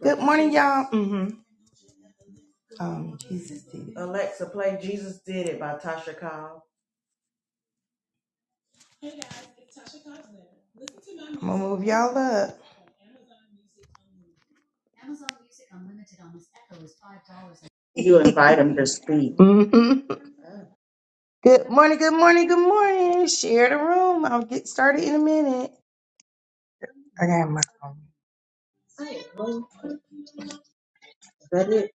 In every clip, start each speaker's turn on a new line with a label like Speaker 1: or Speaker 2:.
Speaker 1: Good morning, y'all. Mm-hmm. Um, Jesus did it. Alexa, play Jesus Did It by Tasha Cobb. I'm gonna move y'all up. You invite them to speak. Mhm. Good morning, good morning, good morning. Share the room. I'll get started in a minute. I got my phone. Hello? Is that it?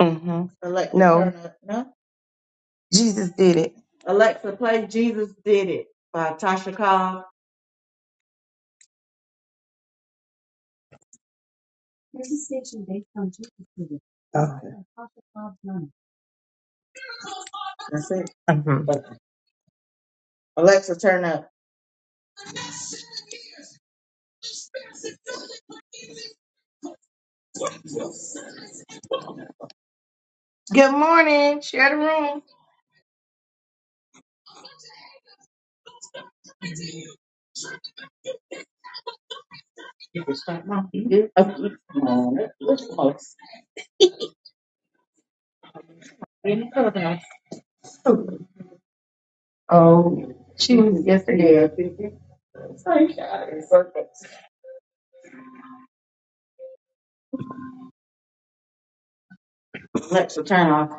Speaker 1: Mm-hmm. Alexa, No, turn up. No? Jesus did it. Alexa, play Jesus Did It by Tasha Cobb. Oh. That's it. Mm-hmm. Okay. Alexa, turn up. Good morning. Share the room. Yes, they did. Alexa, turn off.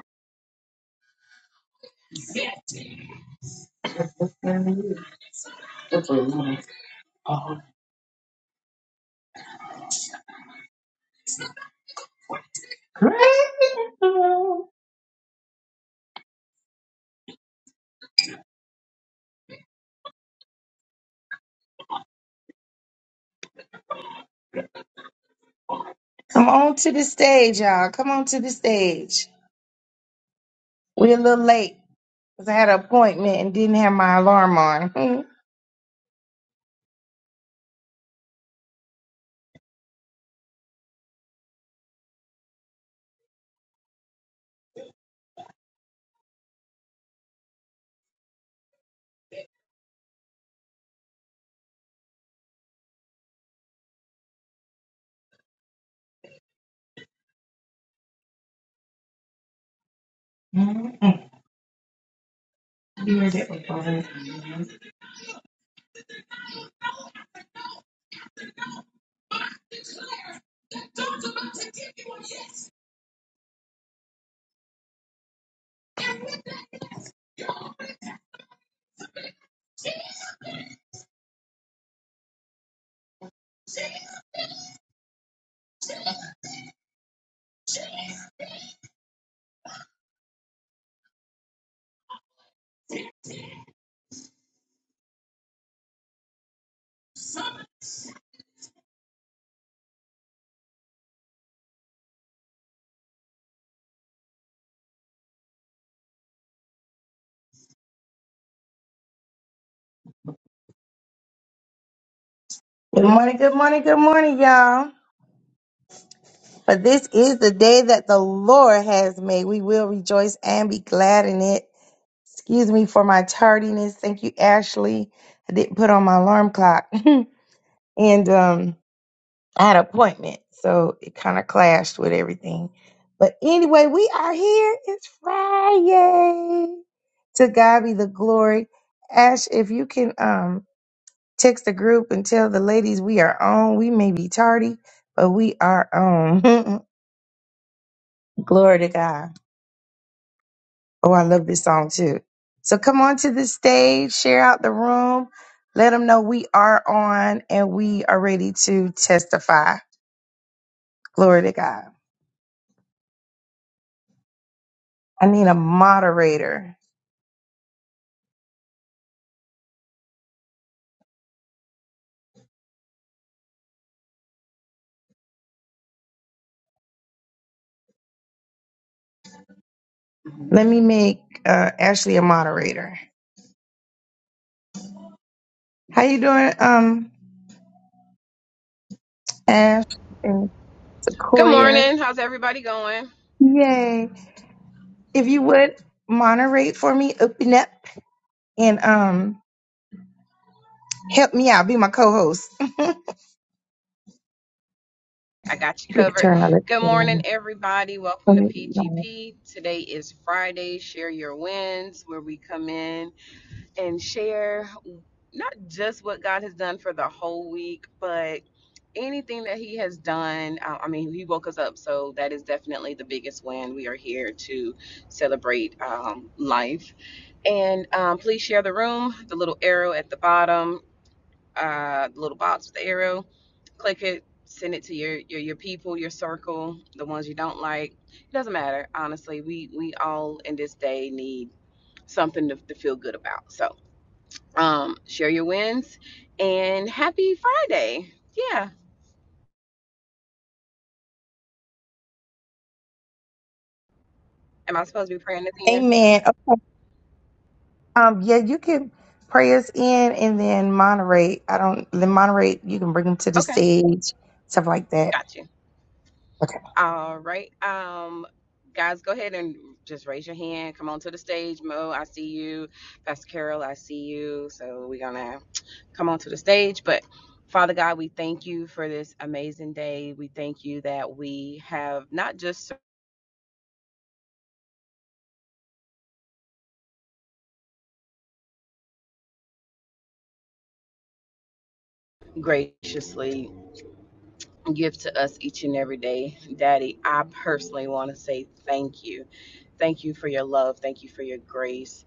Speaker 1: That's what it was. Grateful. Come on to the stage, y'all. Come on to the stage. We're a little late because I had an appointment and didn't have my alarm on. good morning, good morning, good morning, y'all. But this is the day that the Lord has made. We will rejoice and be glad in it. Excuse me for my tardiness. Thank you, Ashley. I didn't put on my alarm clock. and um I had an appointment, so it kind of clashed with everything. But anyway, we are here. It's Friday. To God be the glory. Ash, if you can um text the group and tell the ladies we are on. We may be tardy, but we are on. glory to God. Oh, I love this song too. So come on to the stage, share out the room, let them know we are on and we are ready to testify. Glory to God. I need a moderator. Let me make uh, Ashley a moderator. How you doing, um, Ash and
Speaker 2: Good
Speaker 1: Sequoia?
Speaker 2: morning. How's everybody going?
Speaker 1: Yay! If you would moderate for me, open up and um help me out, be my co-host.
Speaker 2: I got you
Speaker 1: You could
Speaker 2: covered.
Speaker 1: turn my
Speaker 2: Good
Speaker 1: lips.
Speaker 2: morning, everybody. Welcome to
Speaker 1: Praise God.
Speaker 2: PGP. Today is Friday. Share your wins, where we come in and share not just what God has done for the whole week, but anything that He has done. Uh, I mean, He woke us up, so that is definitely the biggest win. We are here to celebrate um, life. And um, please share the room, the little arrow at the bottom. uh, the little box with the arrow. Click it, send it to your, your your people, your circle, the ones you don't like. It doesn't matter, honestly. We we all in this day need something to, to feel good about. So um, share your wins and happy Friday. Yeah. Am I supposed to be praying at the end?
Speaker 1: Amen. Okay. Um, yeah, you can pray us in and then moderate. I don't then moderate, you can bring them to the
Speaker 2: Okay,
Speaker 1: stage, stuff like that.
Speaker 2: got you.
Speaker 1: Okay.
Speaker 2: All right. Um, guys, go ahead and just raise your hand. Come on to the stage, Mo. I see you, Pastor Carol. I see you. So we're gonna come onto the stage. But Father God, we thank you for this amazing day. We thank you that we have not just graciously give to us each and every day. Daddy, I personally want to say thank you. Thank you for your love. Thank you for your grace.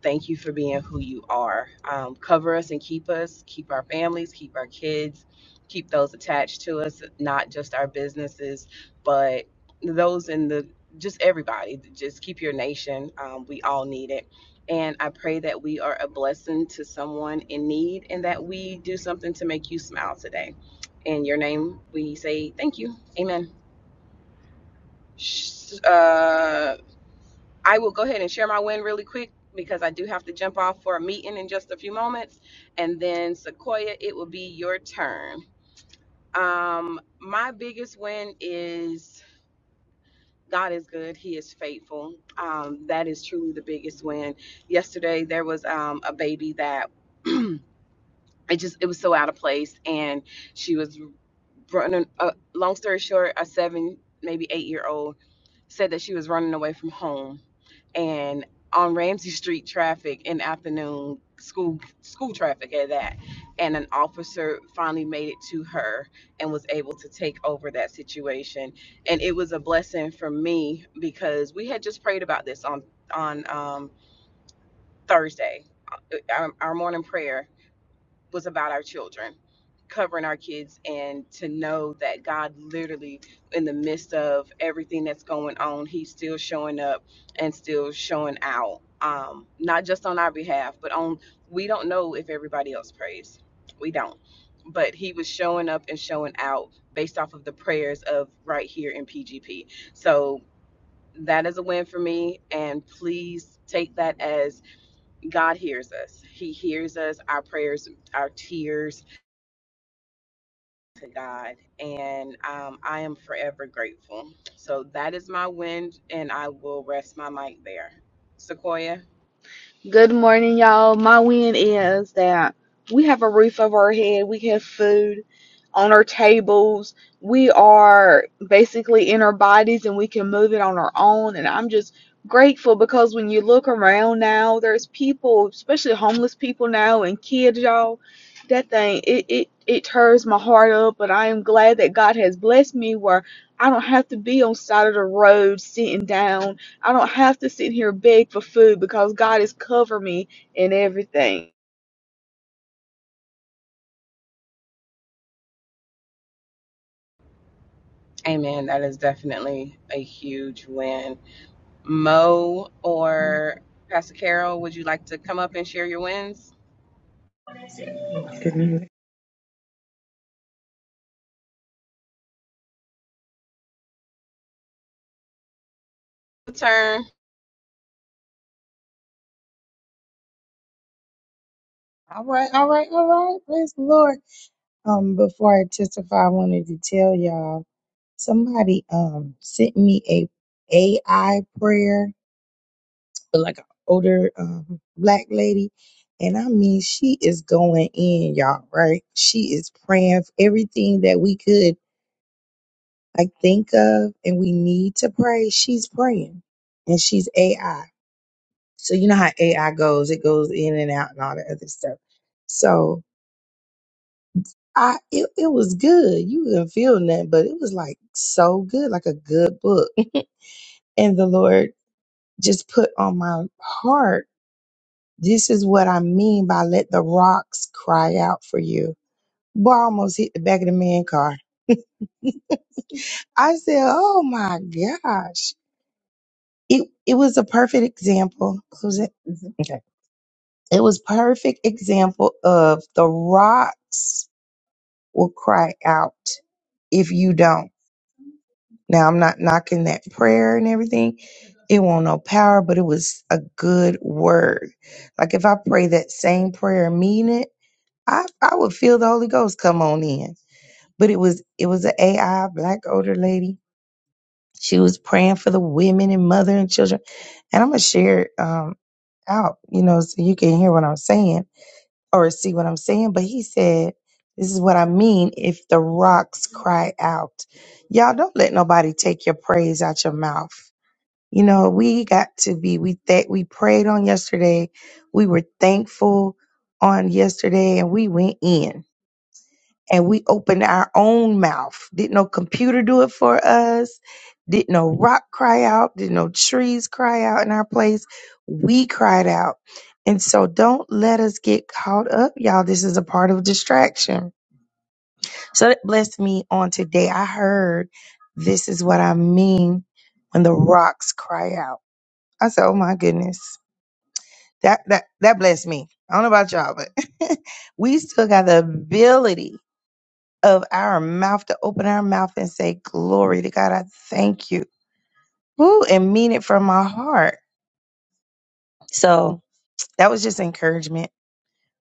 Speaker 2: Thank you for being who you are. Um, cover us and keep us, keep our families, keep our kids, keep those attached to us, not just our businesses, but those in the just everybody. Just keep your nation. Um, we all need it. And I pray that we are a blessing to someone in need and that we do something to make you smile today. In your name, we say thank you. Amen. Sh- Uh, I will go ahead and share my win really quick because I do have to jump off for a meeting in just a few moments. And then Sequoia, it will be your turn. Um, my biggest win is God is good. He is faithful. Um, that is truly the biggest win. Yesterday there was um, a baby that it just it was so out of place, and she was running. Uh, long story short, a seven maybe eight year old said that she was running away from home and on Ramsey Street traffic in the afternoon school school traffic at that and an officer finally made it to her and was able to take over that situation and it was a blessing for me because we had just prayed about this on on um Thursday uh, our, our morning prayer was about our children, covering our kids, and to know that God literally, in the midst of everything that's going on, He's still showing up and still showing out. Um, not just on our behalf, but on we don't know if everybody else prays. We don't. But he was showing up and showing out based off of the prayers of right here in PGP. So that is a win for me. And please take that as God hears us. He hears us, our prayers, our tears, to God, and um, I am forever grateful. So that is my win, and I will rest my mic there. Sequoia,
Speaker 3: Good morning, y'all. My win is that we have a roof over our head, we have food on our tables, we are basically in our bodies and we can move it on our own. And I'm just grateful because when you look around now, there's people, especially homeless people now and kids, y'all. That thing it it it tears my heart up, but I am glad that God has blessed me where I don't have to be on side of the road sitting down I don't have to sit here and beg for food because God has covered me in everything.
Speaker 2: Amen. That is definitely a huge win. Mo or Pastor Carol, would you like to come up and share your wins? Your Turn.
Speaker 1: All right, all right, all right. Praise the Lord. Um, before I testify, I wanted to tell y'all. Somebody um sent me a AI prayer, but like an older um, black lady, and I mean she is going in, y'all. Right? She is praying for everything that we could like think of, and we need to pray. She's praying, and she's AI. So you know how AI goes; it goes in and out and all the other stuff. So I, it, it was good. You didn't feel nothing, but it was like so good, like a good book. And the Lord just put on my heart. This is what I mean by let the rocks cry out for you. Boy, I almost hit the back of the man car. I said, "Oh my gosh!" It it was a perfect example. Was it? Mhm. Okay. It was perfect example of the rocks will cry out if you don't. Now I'm not knocking that prayer and everything. It won't no power, but it was a good word. Like if I pray that same prayer, mean it. I, I would feel the Holy Ghost come on in. But it was it was an AI black older lady. She was praying for the women and mother and children. And I'm gonna share it um out, you know, so you can hear what I'm saying or see what I'm saying. But he said, This is what I mean if the rocks cry out. Y'all don't let nobody take your praise out your mouth. You know, we got to be we that we prayed on yesterday. We were thankful on yesterday and we went in and we opened our own mouth. Didn't no computer do it for us. Didn't no rock cry out. Didn't no trees cry out in our place. We cried out. And so don't let us get caught up, y'all. This is a part of distraction. So that blessed me on today. I heard this is what I mean when the rocks cry out. I said, oh my goodness. That that that blessed me. I don't know about y'all, but we still got the ability of our mouth to open our mouth and say, Glory to God, I thank you. Woo, and mean it from my heart. So that was just encouragement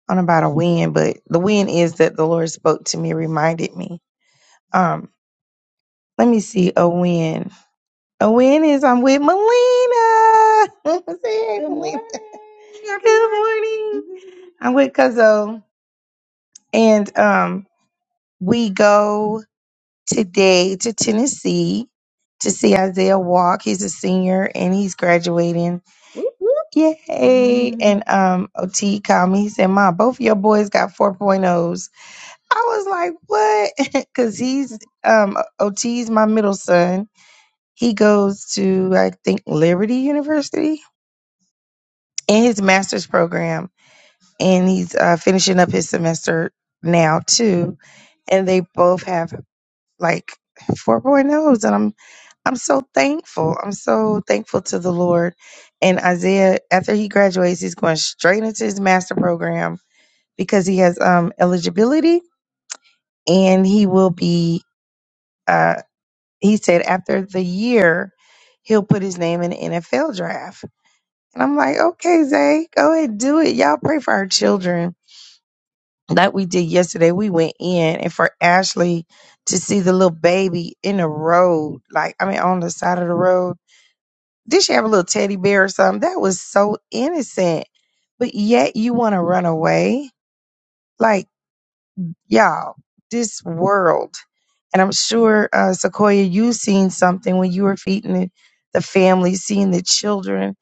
Speaker 1: on about a win, but the win is that the Lord spoke to me, reminded me. Um, let me see a win. A win is I'm with Melina. Say, hey, Good Melina. morning, Good morning. I'm with Cuzzo. And um we go. today to Tennessee to see Isaiah walk. He's a senior and he's graduating. Whoop, whoop. Yay! Mhm. And um, OT called me. He said, "Mom, both of your boys got 4.0s." I was like, "What?" Because he's um, OT's my middle son. He goes to I think Liberty University in his master's program, and he's uh, finishing up his semester now too. And they both have like 4.0s, and I'm I'm so thankful. I'm so thankful to the Lord. And Isaiah, after he graduates, he's going straight into his master program because he has um, eligibility, and he will be. Uh, he said after the year, he'll put his name in the NFL draft. And I'm like, okay, Zay, go ahead, do it. Y'all pray for our children. Like we did yesterday, we went in, and for Ashley to see the little baby in the road, like I mean, on the side of the road Did she have a little teddy bear or something? That was so innocent. But yet you want to run away? Like, y'all, this world. And I'm sure, uh, Sequoia, you seen something when you were feeding the the family, seeing the children.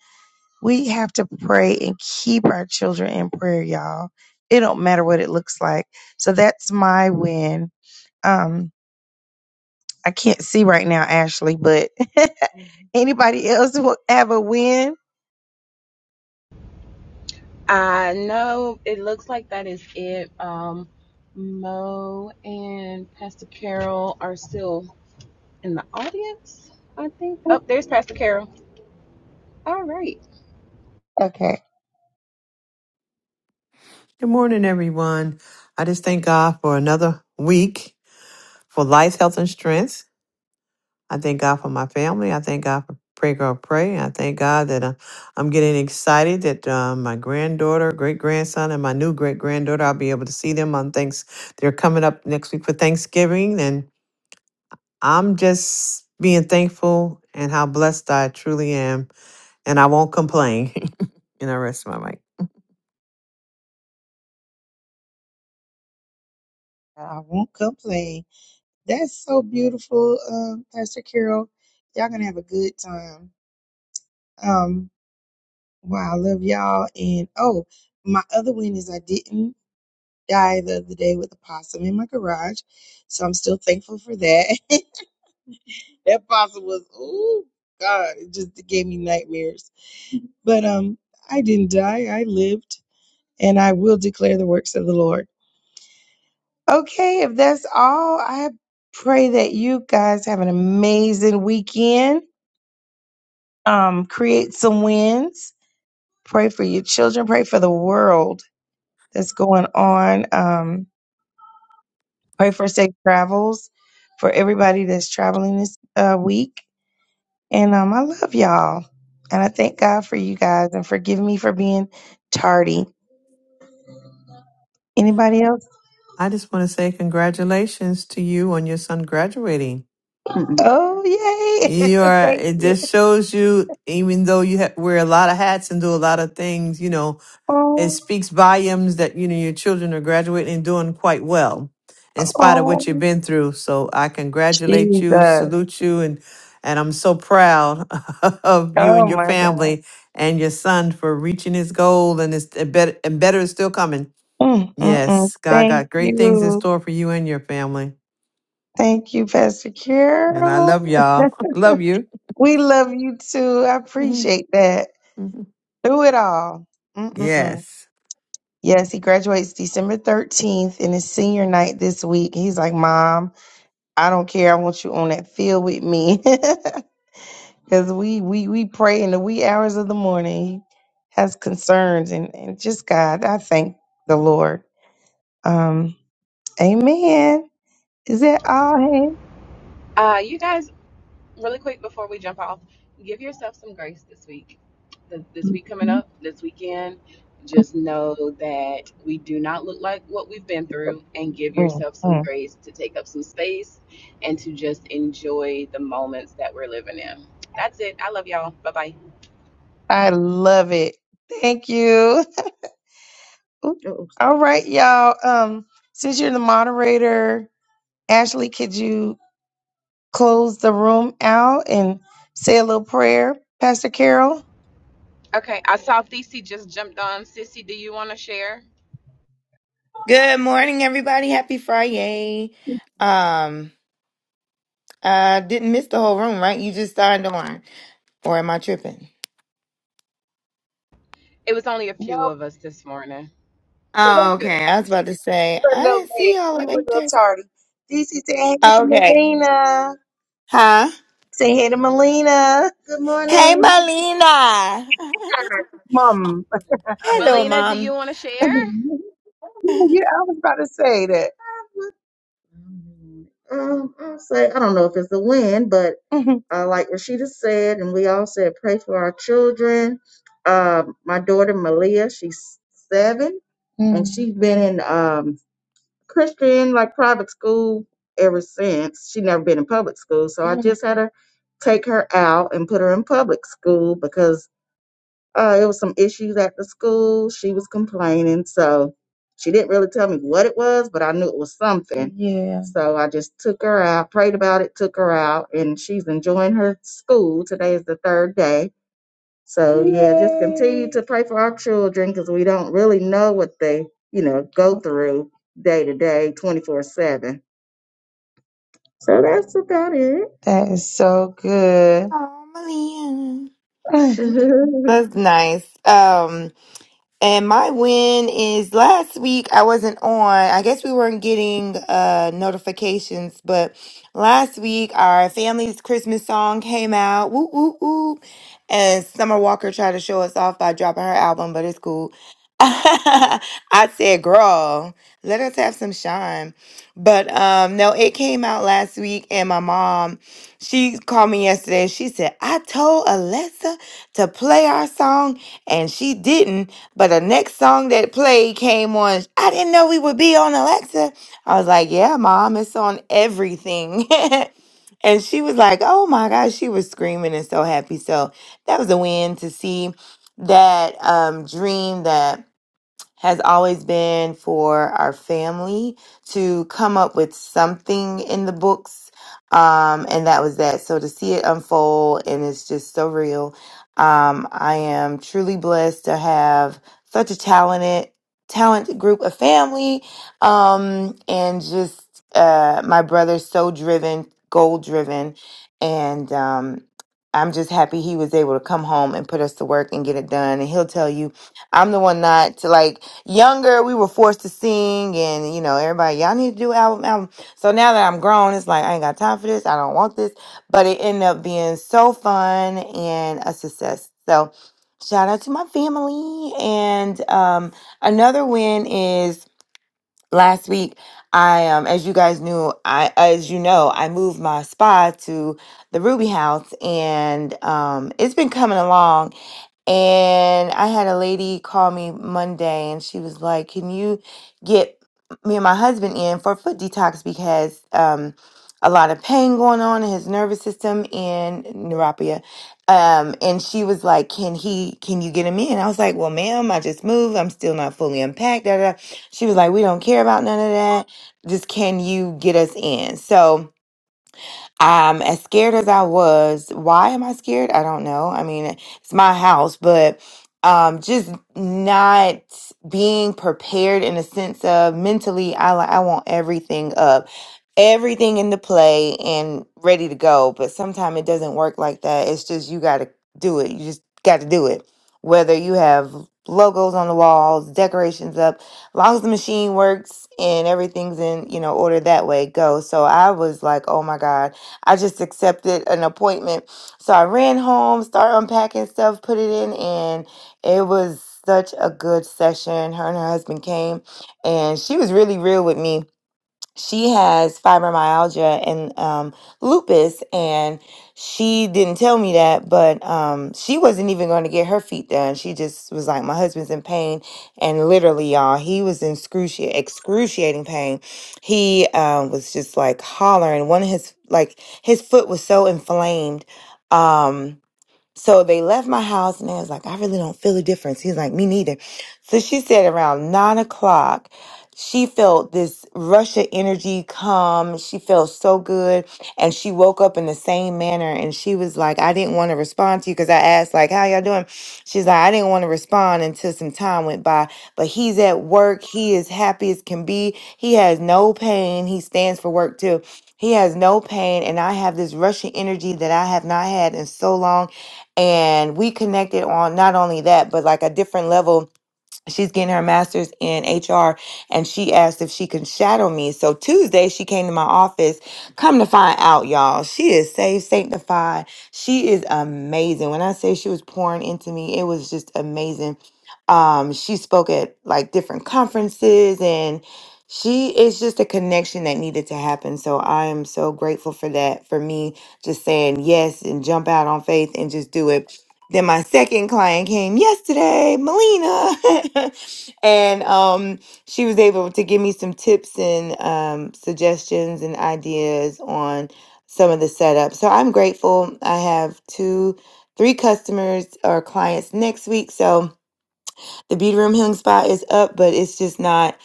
Speaker 1: We have to pray and keep our children in prayer, y'all. It don't matter what it looks like. So that's my win. Um, I can't see right now, Ashley, but anybody else will have a win?
Speaker 2: I know it looks like that is it. Um, Mo and Pastor Carol are still in the audience, I think. Oh, there's Pastor Carol. All right.
Speaker 1: Okay.
Speaker 4: Good morning, everyone. I just thank God for another week for life, health, and strength. I thank God for my family. I thank God for Pray Girl Pray. I thank God that uh, I'm getting excited that uh, my granddaughter, great grandson, and my new great granddaughter, I'll be able to see them on thanks. They're coming up next week for Thanksgiving, and I'm just being thankful and how blessed I truly am and I won't complain. and I rest my mic.
Speaker 1: I won't complain. That's so beautiful, um, Pastor Carol. Y'all gonna have a good time. Um, wow, I love y'all. And oh, my other win is I didn't die the other day with a possum in my garage, so I'm still thankful for that. that possum was, oh God, it just gave me nightmares. But um, I didn't die. I lived, and I will declare the works of the Lord. Okay, if that's all, I pray that you guys have an amazing weekend. Um, create some wins. Pray for your children. Pray for the world that's going on. Um, pray for safe travels for everybody that's traveling this uh, week. And um, I love y'all. And I thank God for you guys and forgive me for being tardy. Anybody else?
Speaker 4: I just want to say congratulations to you on your son graduating.
Speaker 1: Mm-mm. Oh, yay.
Speaker 4: You are,
Speaker 1: thank
Speaker 4: it
Speaker 1: you.
Speaker 4: just shows you, even though you ha- wear a lot of hats and do a lot of things, you know, it
Speaker 1: Oh.
Speaker 4: speaks volumes that you know your children are graduating and doing quite well in spite of what you've
Speaker 1: Oh,
Speaker 4: been through so i congratulate
Speaker 1: Jesus.
Speaker 4: you
Speaker 1: Oh,
Speaker 4: salute you and and i'm so proud of you and your
Speaker 1: my God.
Speaker 4: family and your son for reaching his goal and it's and better, and better is still coming
Speaker 1: Mm, mm, mm.
Speaker 4: yes god
Speaker 1: Thank
Speaker 4: got great things in
Speaker 1: you.
Speaker 4: store for you and your family
Speaker 1: Thank you, Pastor
Speaker 4: and i love
Speaker 1: Carol.
Speaker 4: y'all love you
Speaker 1: we love you too. I
Speaker 4: Mhm.
Speaker 1: appreciate that.
Speaker 4: mhm.
Speaker 1: Through it all. mm mm mm.
Speaker 4: yes
Speaker 1: Yes, he graduates December 13th and his senior night this week. He's like, Mom, I don't care. I want you on that field with me. Because we, we, we pray in the wee hours of the morning. He has concerns and, and just God, I thank the Lord. Um, Amen. Is that all, hey?
Speaker 2: Uh, you guys really quick before we jump off, give yourself some grace this week. Th- This week coming up, this weekend, just know that we do not look like what we've been through and give
Speaker 1: mm
Speaker 2: yourself some
Speaker 1: mm.
Speaker 2: grace to take up some space and to just enjoy the moments that we're living in. That's it. I love y'all. Bye bye.
Speaker 1: I love it. Thank you. Ooh. alright you All right, y'all. Um, since you're the moderator, Ashley, could you close the room out and say a little prayer, Pastor Carol?
Speaker 2: Okay, I saw Thesey just jumped on. Sissy, do you want to share?
Speaker 5: Good morning, everybody. Happy Friday. Um, I didn't miss the whole room, right? You just signed on, or am I tripping?
Speaker 2: It was only a few
Speaker 1: No.
Speaker 2: of us this morning, so you're
Speaker 5: Oh,
Speaker 2: good.
Speaker 5: okay. I was about to say
Speaker 1: were a
Speaker 5: I
Speaker 1: little
Speaker 5: didn't see
Speaker 1: late.
Speaker 5: y'all
Speaker 1: We
Speaker 5: at
Speaker 1: were a
Speaker 5: eight
Speaker 1: little
Speaker 5: thirty.
Speaker 1: tardy. DC say hey to
Speaker 5: Okay.
Speaker 1: Melina.
Speaker 5: Huh?
Speaker 1: Say hey to Melina. Good
Speaker 5: Hey,
Speaker 1: morning.
Speaker 5: Malina!
Speaker 1: Mom.
Speaker 5: Hello,
Speaker 2: Melina, do you
Speaker 5: mom.
Speaker 2: want to
Speaker 1: yeah,
Speaker 2: share?
Speaker 1: I was about to say that. Um, I'll say I don't know if it's the wind, but Mhm. uh, like Rashida said, and we all said, pray for our children. Um, my daughter Malia, she's 7 and Mhm. she's been in um Christian like private school ever since. She never been in public school, so I Mm. just had to take her out and put her in public school because uh, it was some issues at the school. She was complaining, so she didn't really tell me what it was, but I knew it was something. Yeah. So I just took her out, prayed about it, took her out, and she's enjoying her school. Today is the third day so yeah, just continue to pray for our children because we don't really know what they, you know, go through day to day, twenty four seven. So that's about it. That is so good.
Speaker 5: Oh, Malina! That's nice. Um. And my win is last week I wasn't on. I guess we weren't getting uh notifications, but last week our family's Christmas song came out. Woo woo woo. And Summer Walker tried to show us off by dropping her album, but it's cool. I said, girl, let us have some shine. But um no, it came out last week and my mom, she called me yesterday. She said, I told Alessa to play our song and she didn't but the next song that played came on. I didn't know we would be on Alexa. I was like, yeah, mom, it's on everything. and she was like, oh my gosh, she was screaming and so happy. So that was a win to see that um, dream that has always been for our family to come up with something in the books. Um, and that was that. So to see it unfold and it's just so real. Um, I am truly blessed to have such a talented, talented group of family. Um, and just, uh, my brother's so driven, goal driven. And, um, I'm just happy he was able to come home and put us to work and get it done. And he'll tell you I'm the one not to like younger. We were forced to sing, and you know everybody, y'all need to do album, album. So now that I'm grown, it's like I ain't got time for this. I don't want this, but it ended up being so fun and a success. So shout out to my family. And um, another win is last week. I um, as you guys knew, I as you know, I moved my spa to the Ruby House, and um, it's been coming along and I had a lady call me Monday and she was like, Can you get me and my husband in for foot detox because um, a lot of pain going on in his nervous system and neuropathy. Um, and she was like, Can he can you get him in? I was like, Well, ma'am, I just moved. I'm still not fully unpacked. Da, da. da." She was like, We don't care about none of that. Just can you get us in? So um, as scared as I was, why am I scared? I don't know. I mean, it's my house, but um, just not being prepared in a sense of mentally, I li- I want everything up everything into play and ready to go. But sometimes it doesn't work like that. It's just you got to do it. You just got to do it. Whether you have logos on the walls, decorations up, long as the machine works and everything's in, you know, order that way, go. So I was like, oh my God, I just accepted an appointment. So I ran home, started unpacking stuff, put it in, and it was such a good session. Her and her husband came and she was really real with me she has fibromyalgia and um, lupus, and she didn't tell me that, but um, she wasn't even going to get her feet done. She just was like, "My husband's in pain," and literally, y'all, he was in excruci- excruciating pain. He um, was just like hollering. One of his like his foot was so inflamed. Um, so they left my house and I was like, I really don't feel a difference. He's like, me neither. So she said around nine o'clock, she felt this rush of energy come. She felt so good. And she woke up in the same manner and she was like, I didn't want to respond to you because I asked, like, how y'all doing? She's like, I didn't want to respond until some time went by. But he's at work. He is happy as can be. He has no pain. He stands for work too. He has no pain, and I have this rushing energy that I have not had in so long and we connected on not only that but like a different level she's getting her master's in hr and she asked if she can shadow me so tuesday she came to my office come to find out y'all she is saved sanctified she is amazing when i say she was pouring into me it was just amazing um she spoke at like different conferences and she is just a connection that needed to happen so i am so grateful for that for me just saying yes and jump out on faith and just do it then my second client came yesterday, Melina, and um, she was able to give me some tips and um, suggestions and ideas on some of the setup. So I'm grateful. I have two, three customers or clients next week. So the beauty room healing spa is up, but it's just not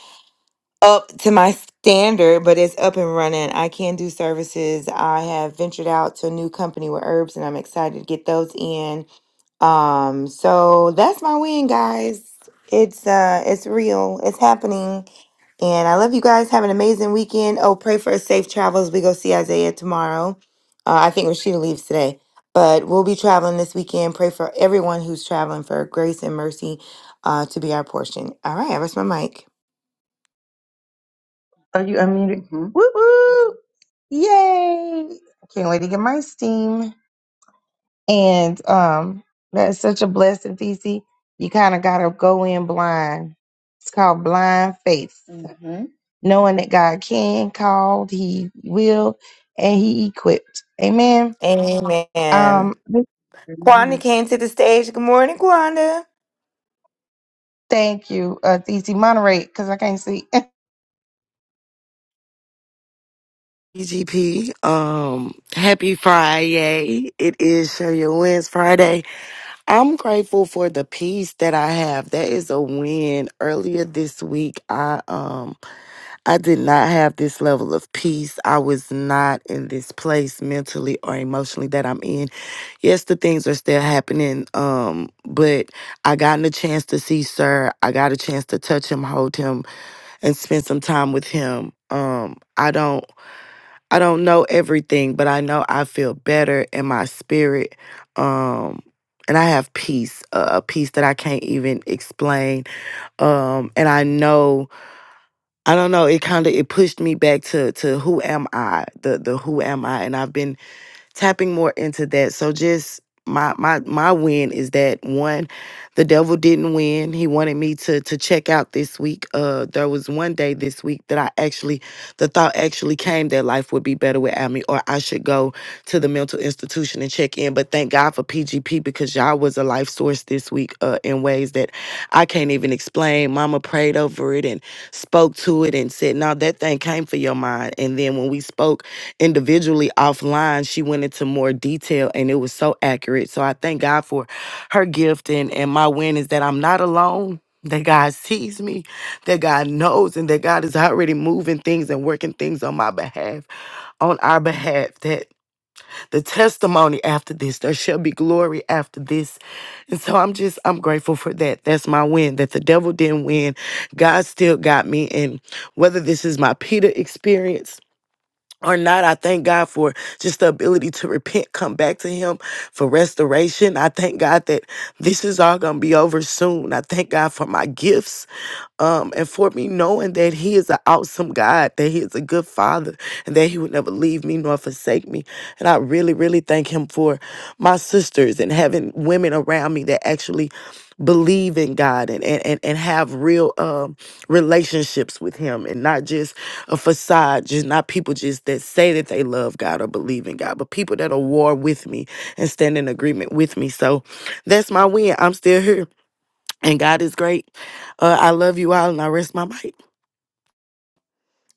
Speaker 5: up to my standard. But it's up and running. I can do services. I have ventured out to a new company with herbs, and I'm excited to get those in um, so that's my win, guys. It's uh it's real, it's happening. And I love you guys. Have an amazing weekend. Oh, pray for a safe travels. We go see Isaiah tomorrow. Uh, I think Rashida leaves today. But we'll be traveling this weekend. Pray for everyone who's traveling for grace and mercy uh, to be our portion. All right, I rest my mic.
Speaker 1: Are you unmuted? Mhm. Woo woo! Yay! I can't wait to get my steam. And um, that's such a blessing, TC. You kind of got to go in blind. It's called blind faith, hmm knowing that God can, called, He will, and He equipped. Amen.
Speaker 5: Amen.
Speaker 1: Um,
Speaker 5: Quanda came to the stage. Good morning, Quanda.
Speaker 1: thank you, uh, TC. Moderate, because I can't see.
Speaker 6: EGP, um, happy Friday. It is Show Your Wins Friday. I'm grateful for the peace that I have. That is a win. Earlier this week, I, um, I did not have this level of peace. I was not in this place mentally or emotionally that I'm in. Yes, the things are still happening, um, but I gotten a chance to see Sir. I got a chance to touch him, hold him, and spend some time with him. Um, I don't. I don't know everything, but I know I feel better in my spirit. Um and I have peace, a a peace that I can't even explain. Um and I know I don't know, it kind of it pushed me back to to who am I? The the who am I? And I've been tapping more into that. So just my my my win is that one, the devil didn't win. He wanted me to to check out this week. Uh there was one day this week that I actually the thought actually came that life would be better without me or I should go to the mental institution and check in. But thank God for PGP because y'all was a life source this week uh in ways that I can't even explain. Mama prayed over it and spoke to it and said, No, that thing came for your mind. And then when we spoke individually offline she went into more detail and it was so accurate so i thank god for her gift and and my win is that i'm not alone that god sees me that god knows and that god is already moving things and working things on my behalf on our behalf that the testimony after this there shall be glory after this and so i'm just i'm grateful for that that's my win that the devil didn't win god still got me and whether this is my peter experience or not, I thank God for just the ability to repent, come back to Him for restoration. I thank God that this is all going to be over soon. I thank God for my gifts. Um, and for me knowing that He is an awesome God, that He is a good Father, and that He would never leave me nor forsake me. And I really, really thank Him for my sisters and having women around me that actually believe in God and and, and, and have real um relationships with him and not just a facade, just not people just that say that they love God or believe in God, but people that are war with me and stand in agreement with me. So that's my win. I'm still here. And God is great. Uh, I love you all and I rest my mic.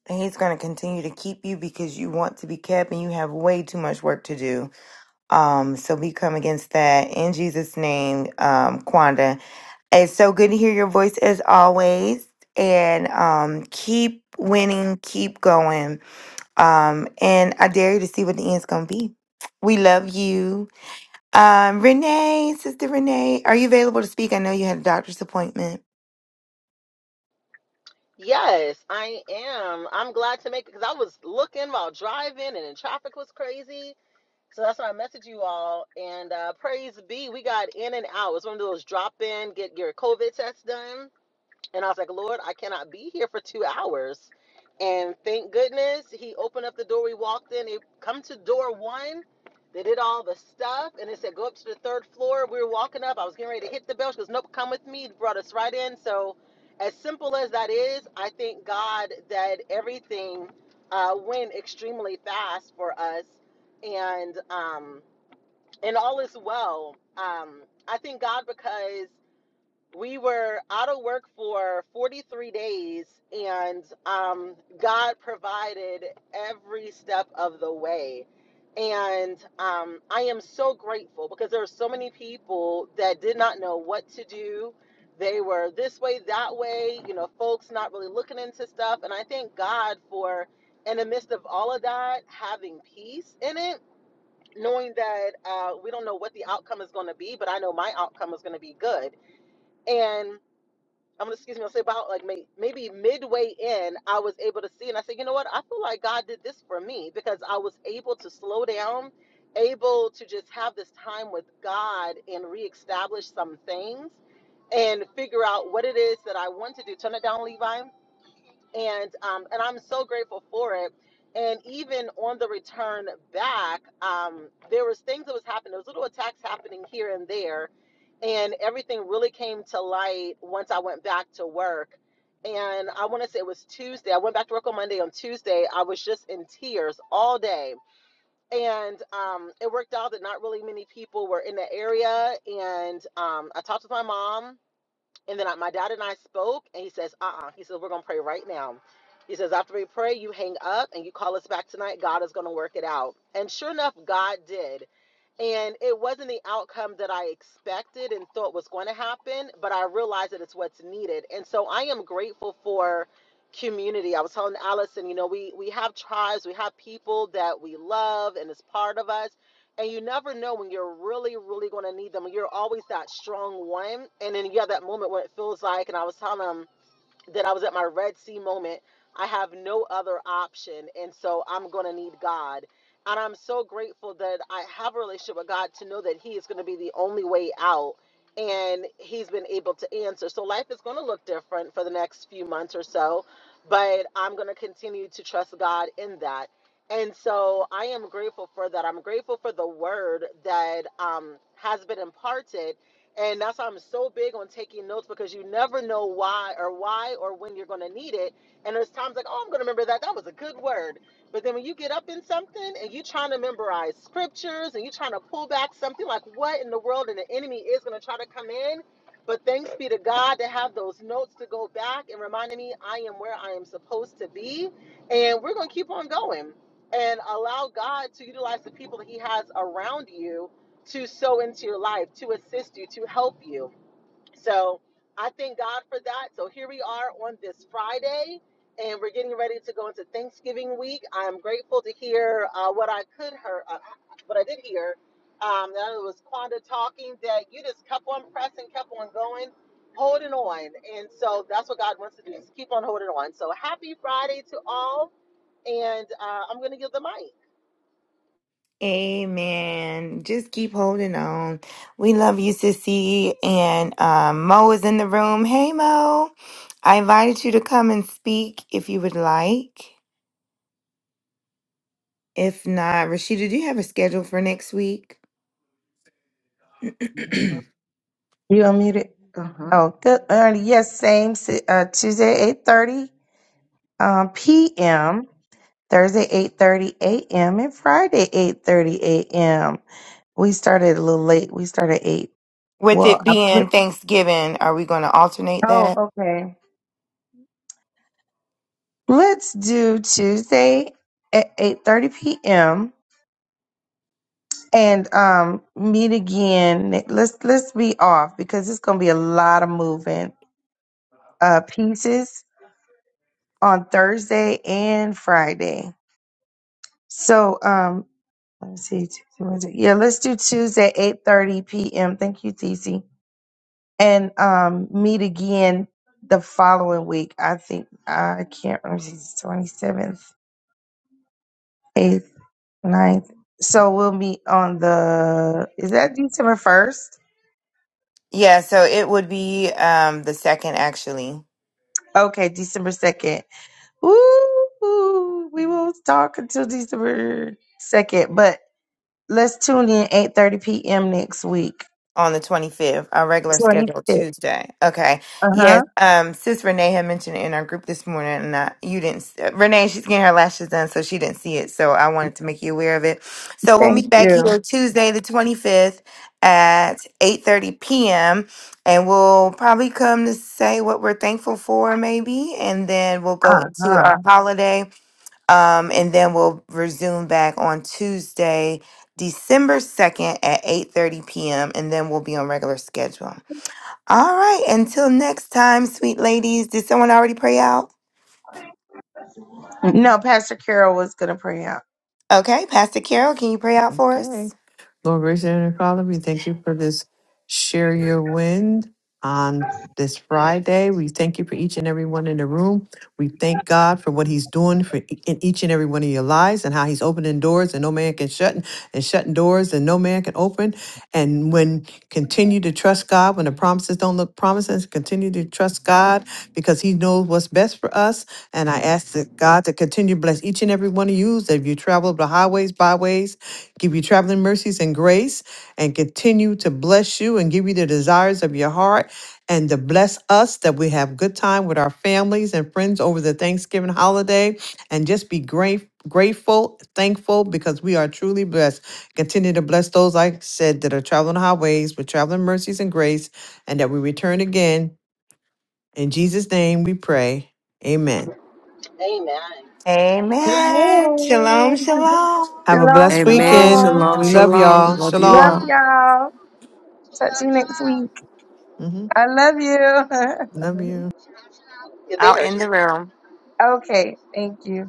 Speaker 5: And he's going to continue to keep you because you want to be kept and you have way too much work to do. Um, so we come against that in Jesus' name, um, Quanda. It's so good to hear your voice as always. And um, keep winning, keep going. Um, and I dare you to see what the end's gonna be. We love you. Um, Renee, Sister Renee, are you available to speak? I know you had a doctor's appointment.
Speaker 7: Yes, I am. I'm glad to make it because I was looking while driving and the traffic was crazy. So that's why I messaged you all. And uh, praise be, we got in and out. It was one of those drop in, get your COVID test done. And I was like, Lord, I cannot be here for two hours. And thank goodness he opened up the door. We walked in. They come to door one. They did all the stuff. And they said, go up to the third floor. We were walking up. I was getting ready to hit the bell. She goes, nope, come with me. Brought us right in. So, as simple as that is, I thank God that everything uh, went extremely fast for us. And, um, and all is well. Um, I thank God because we were out of work for 43 days and um, god provided every step of the way and um, i am so grateful because there are so many people that did not know what to do they were this way that way you know folks not really looking into stuff and i thank god for in the midst of all of that having peace in it knowing that uh, we don't know what the outcome is going to be but i know my outcome is going to be good And I'm gonna excuse me. I'll say about like may, maybe midway in, I was able to see, and I said, you know what? I feel like God did this for me because I was able to slow down, able to just have this time with God and reestablish some things, and figure out what it is that I want to do. Turn it down, Levi, and um, and I'm so grateful for it. And even on the return back, um, there was things that was happening. There was little attacks happening here and there and everything really came to light once I went back to work. And I want to say it was Tuesday. I went back to work on Monday. On Tuesday, I was just in tears all day. And um, it worked out that not really many people were in the area. And um, I talked with my mom and then I, my dad and I spoke, and he says, uh uh He says, we're going to pray right now. He says, after we pray, you hang up and you call us back tonight. God is going to work it out. And sure enough, God did. And it wasn't the outcome that I expected and thought was going to happen, but I realized that it's what's needed. And so I am grateful for community. I was telling Allison, you know, we we have tribes, we have people that we love and is part of us and you never know when you're really, really going to need them. You're always that strong one, and then you have that moment when it feels like. And I was telling him that I was at my Red Sea moment. I have no other option. And so I'm going to need God. And I'm so grateful that I have a relationship with God to know that He is going to be the only way out. And He's been able to answer. So life is going to look different for the next few months or so. But I'm going to continue to trust God in that. And so I am grateful for that. I'm grateful for the word that um, has been imparted and that's why I'm so big on taking notes because you never know why or why or when you're going to need it. And there's times like, oh, I'm going to remember that. That was a good word. But then when you get up in something and you're trying to memorize scriptures and you're trying to pull back something like what in the world and the enemy is going to try to come in. But thanks be to God to have those notes to go back and reminding me I am where I am supposed to be. And we're going to keep on going and allow God to utilize the people that He has around you to sow into your life, to assist you, to help you. So I thank God for that. So here we are on this Friday, and we're getting ready to go into Thanksgiving week. I'm grateful to hear uh, what I could hear, uh, what I did hear. Um, that it was Quanda talking that you just kept on pressing, kept on going, holding on. And so that's what God wants to do is keep on holding on. So happy Friday to all. And uh, I'm going to give the mic.
Speaker 5: Amen. Just keep holding on. We love you, Sissy. And um, Mo is in the room. Hey, Mo. I invited you to come and speak if you would like. If not, Rashida, do you have a schedule for next week?
Speaker 1: you unmuted. Uh-huh. Oh, good. early. Yes, same si- uh, Tuesday, eight thirty um, p.m. Thursday 8:30 a.m. and Friday 8:30 a.m. We started a little late. We started eight.
Speaker 5: With
Speaker 1: Well,
Speaker 5: it
Speaker 1: I put.
Speaker 5: being Thanksgiving, are we going to alternate
Speaker 1: Oh,
Speaker 5: that?
Speaker 1: okay. Let's do Tuesday at 8:30 p.m. and um meet again. Let's let's be off because it's gonna be a lot of moving uh pieces on Thursday and Friday. So um let me see. Tuesday, Wednesday. Yeah, let's do Tuesday 8:30 p.m. Thank you, TC and um meet again the following week. I think I can't remember if it's twenty seventh, eighth, ninth. So we'll meet on the is that December first?
Speaker 5: Yeah, so it would be um, the second, actually.
Speaker 1: Okay, December second. Woo! We will talk until December second, but let's tune in eight thirty p.m. next week.
Speaker 5: on the 25th, our regular
Speaker 1: Twenty
Speaker 5: schedule
Speaker 1: sixth.
Speaker 5: Tuesday. Okay.
Speaker 1: Uh huh.
Speaker 5: Yes. Um, Sis Renee had mentioned it in our group this morning, and I, you didn't. s- uh, Renee, she's getting her lashes done, so she didn't see it. So I wanted to make you aware of it. So we'll
Speaker 1: Thank
Speaker 5: meet back
Speaker 1: you.
Speaker 5: here Tuesday, the 25th at 8:30 p.m. and we'll probably come to say what we're thankful for maybe and then we'll go
Speaker 1: Uh
Speaker 5: into
Speaker 1: huh.
Speaker 5: our holiday um, and then we'll resume back on Tuesday, December 2nd at 8:30 p.m. And then we'll be on regular schedule. All right. Until next time, sweet ladies. Did someone already pray out?
Speaker 1: No, Pastor Carol was gonna pray out.
Speaker 5: Okay, Pastor Carol, can you pray out for us?
Speaker 4: Lord, gracious Heavenly Father, we thank you for this share your wind on this Friday. We thank you for each and every one in the room. We thank God for what He's doing for e- in each and every one of your lives and how He's opening doors and no man can shut and shutting doors and no man can open. And when continue to trust God when the promises don't look promising, continue to trust God because He knows what's best for us. And I ask that God to continue to bless each and every one of you as you travel the highways, byways, give you traveling mercies and grace and continue to bless you and give you the desires of your heart and to bless us that we have good time with our families and friends over the Thanksgiving holiday and just be grateful grateful thankful because we are truly blessed continue to bless those like I said that are traveling highways with traveling mercies and grace and that we return again in jesus name we pray amen
Speaker 7: Amen.
Speaker 5: Amen. Shalom,
Speaker 1: Amen.
Speaker 5: shalom.
Speaker 4: have a
Speaker 1: Shalom,
Speaker 4: blessed
Speaker 7: Shalom,
Speaker 6: Amen.
Speaker 4: weekend
Speaker 1: shalom.
Speaker 6: Shalom,
Speaker 4: we
Speaker 7: shalom.
Speaker 4: love
Speaker 6: shalom.
Speaker 4: y'all
Speaker 7: Shalom,
Speaker 6: Love you
Speaker 1: Love
Speaker 4: shalom
Speaker 6: all.
Speaker 7: shalom.
Speaker 1: y'all.
Speaker 7: Chill
Speaker 1: Talk to
Speaker 7: out,
Speaker 1: you
Speaker 7: chill
Speaker 1: next
Speaker 7: out.
Speaker 1: week.
Speaker 4: hmm
Speaker 1: I love you.
Speaker 4: love you
Speaker 1: Mhm.
Speaker 7: Chill out, chill out. Yeah, they
Speaker 5: I'll
Speaker 7: heard you.
Speaker 5: end the room.
Speaker 1: okay, thank you.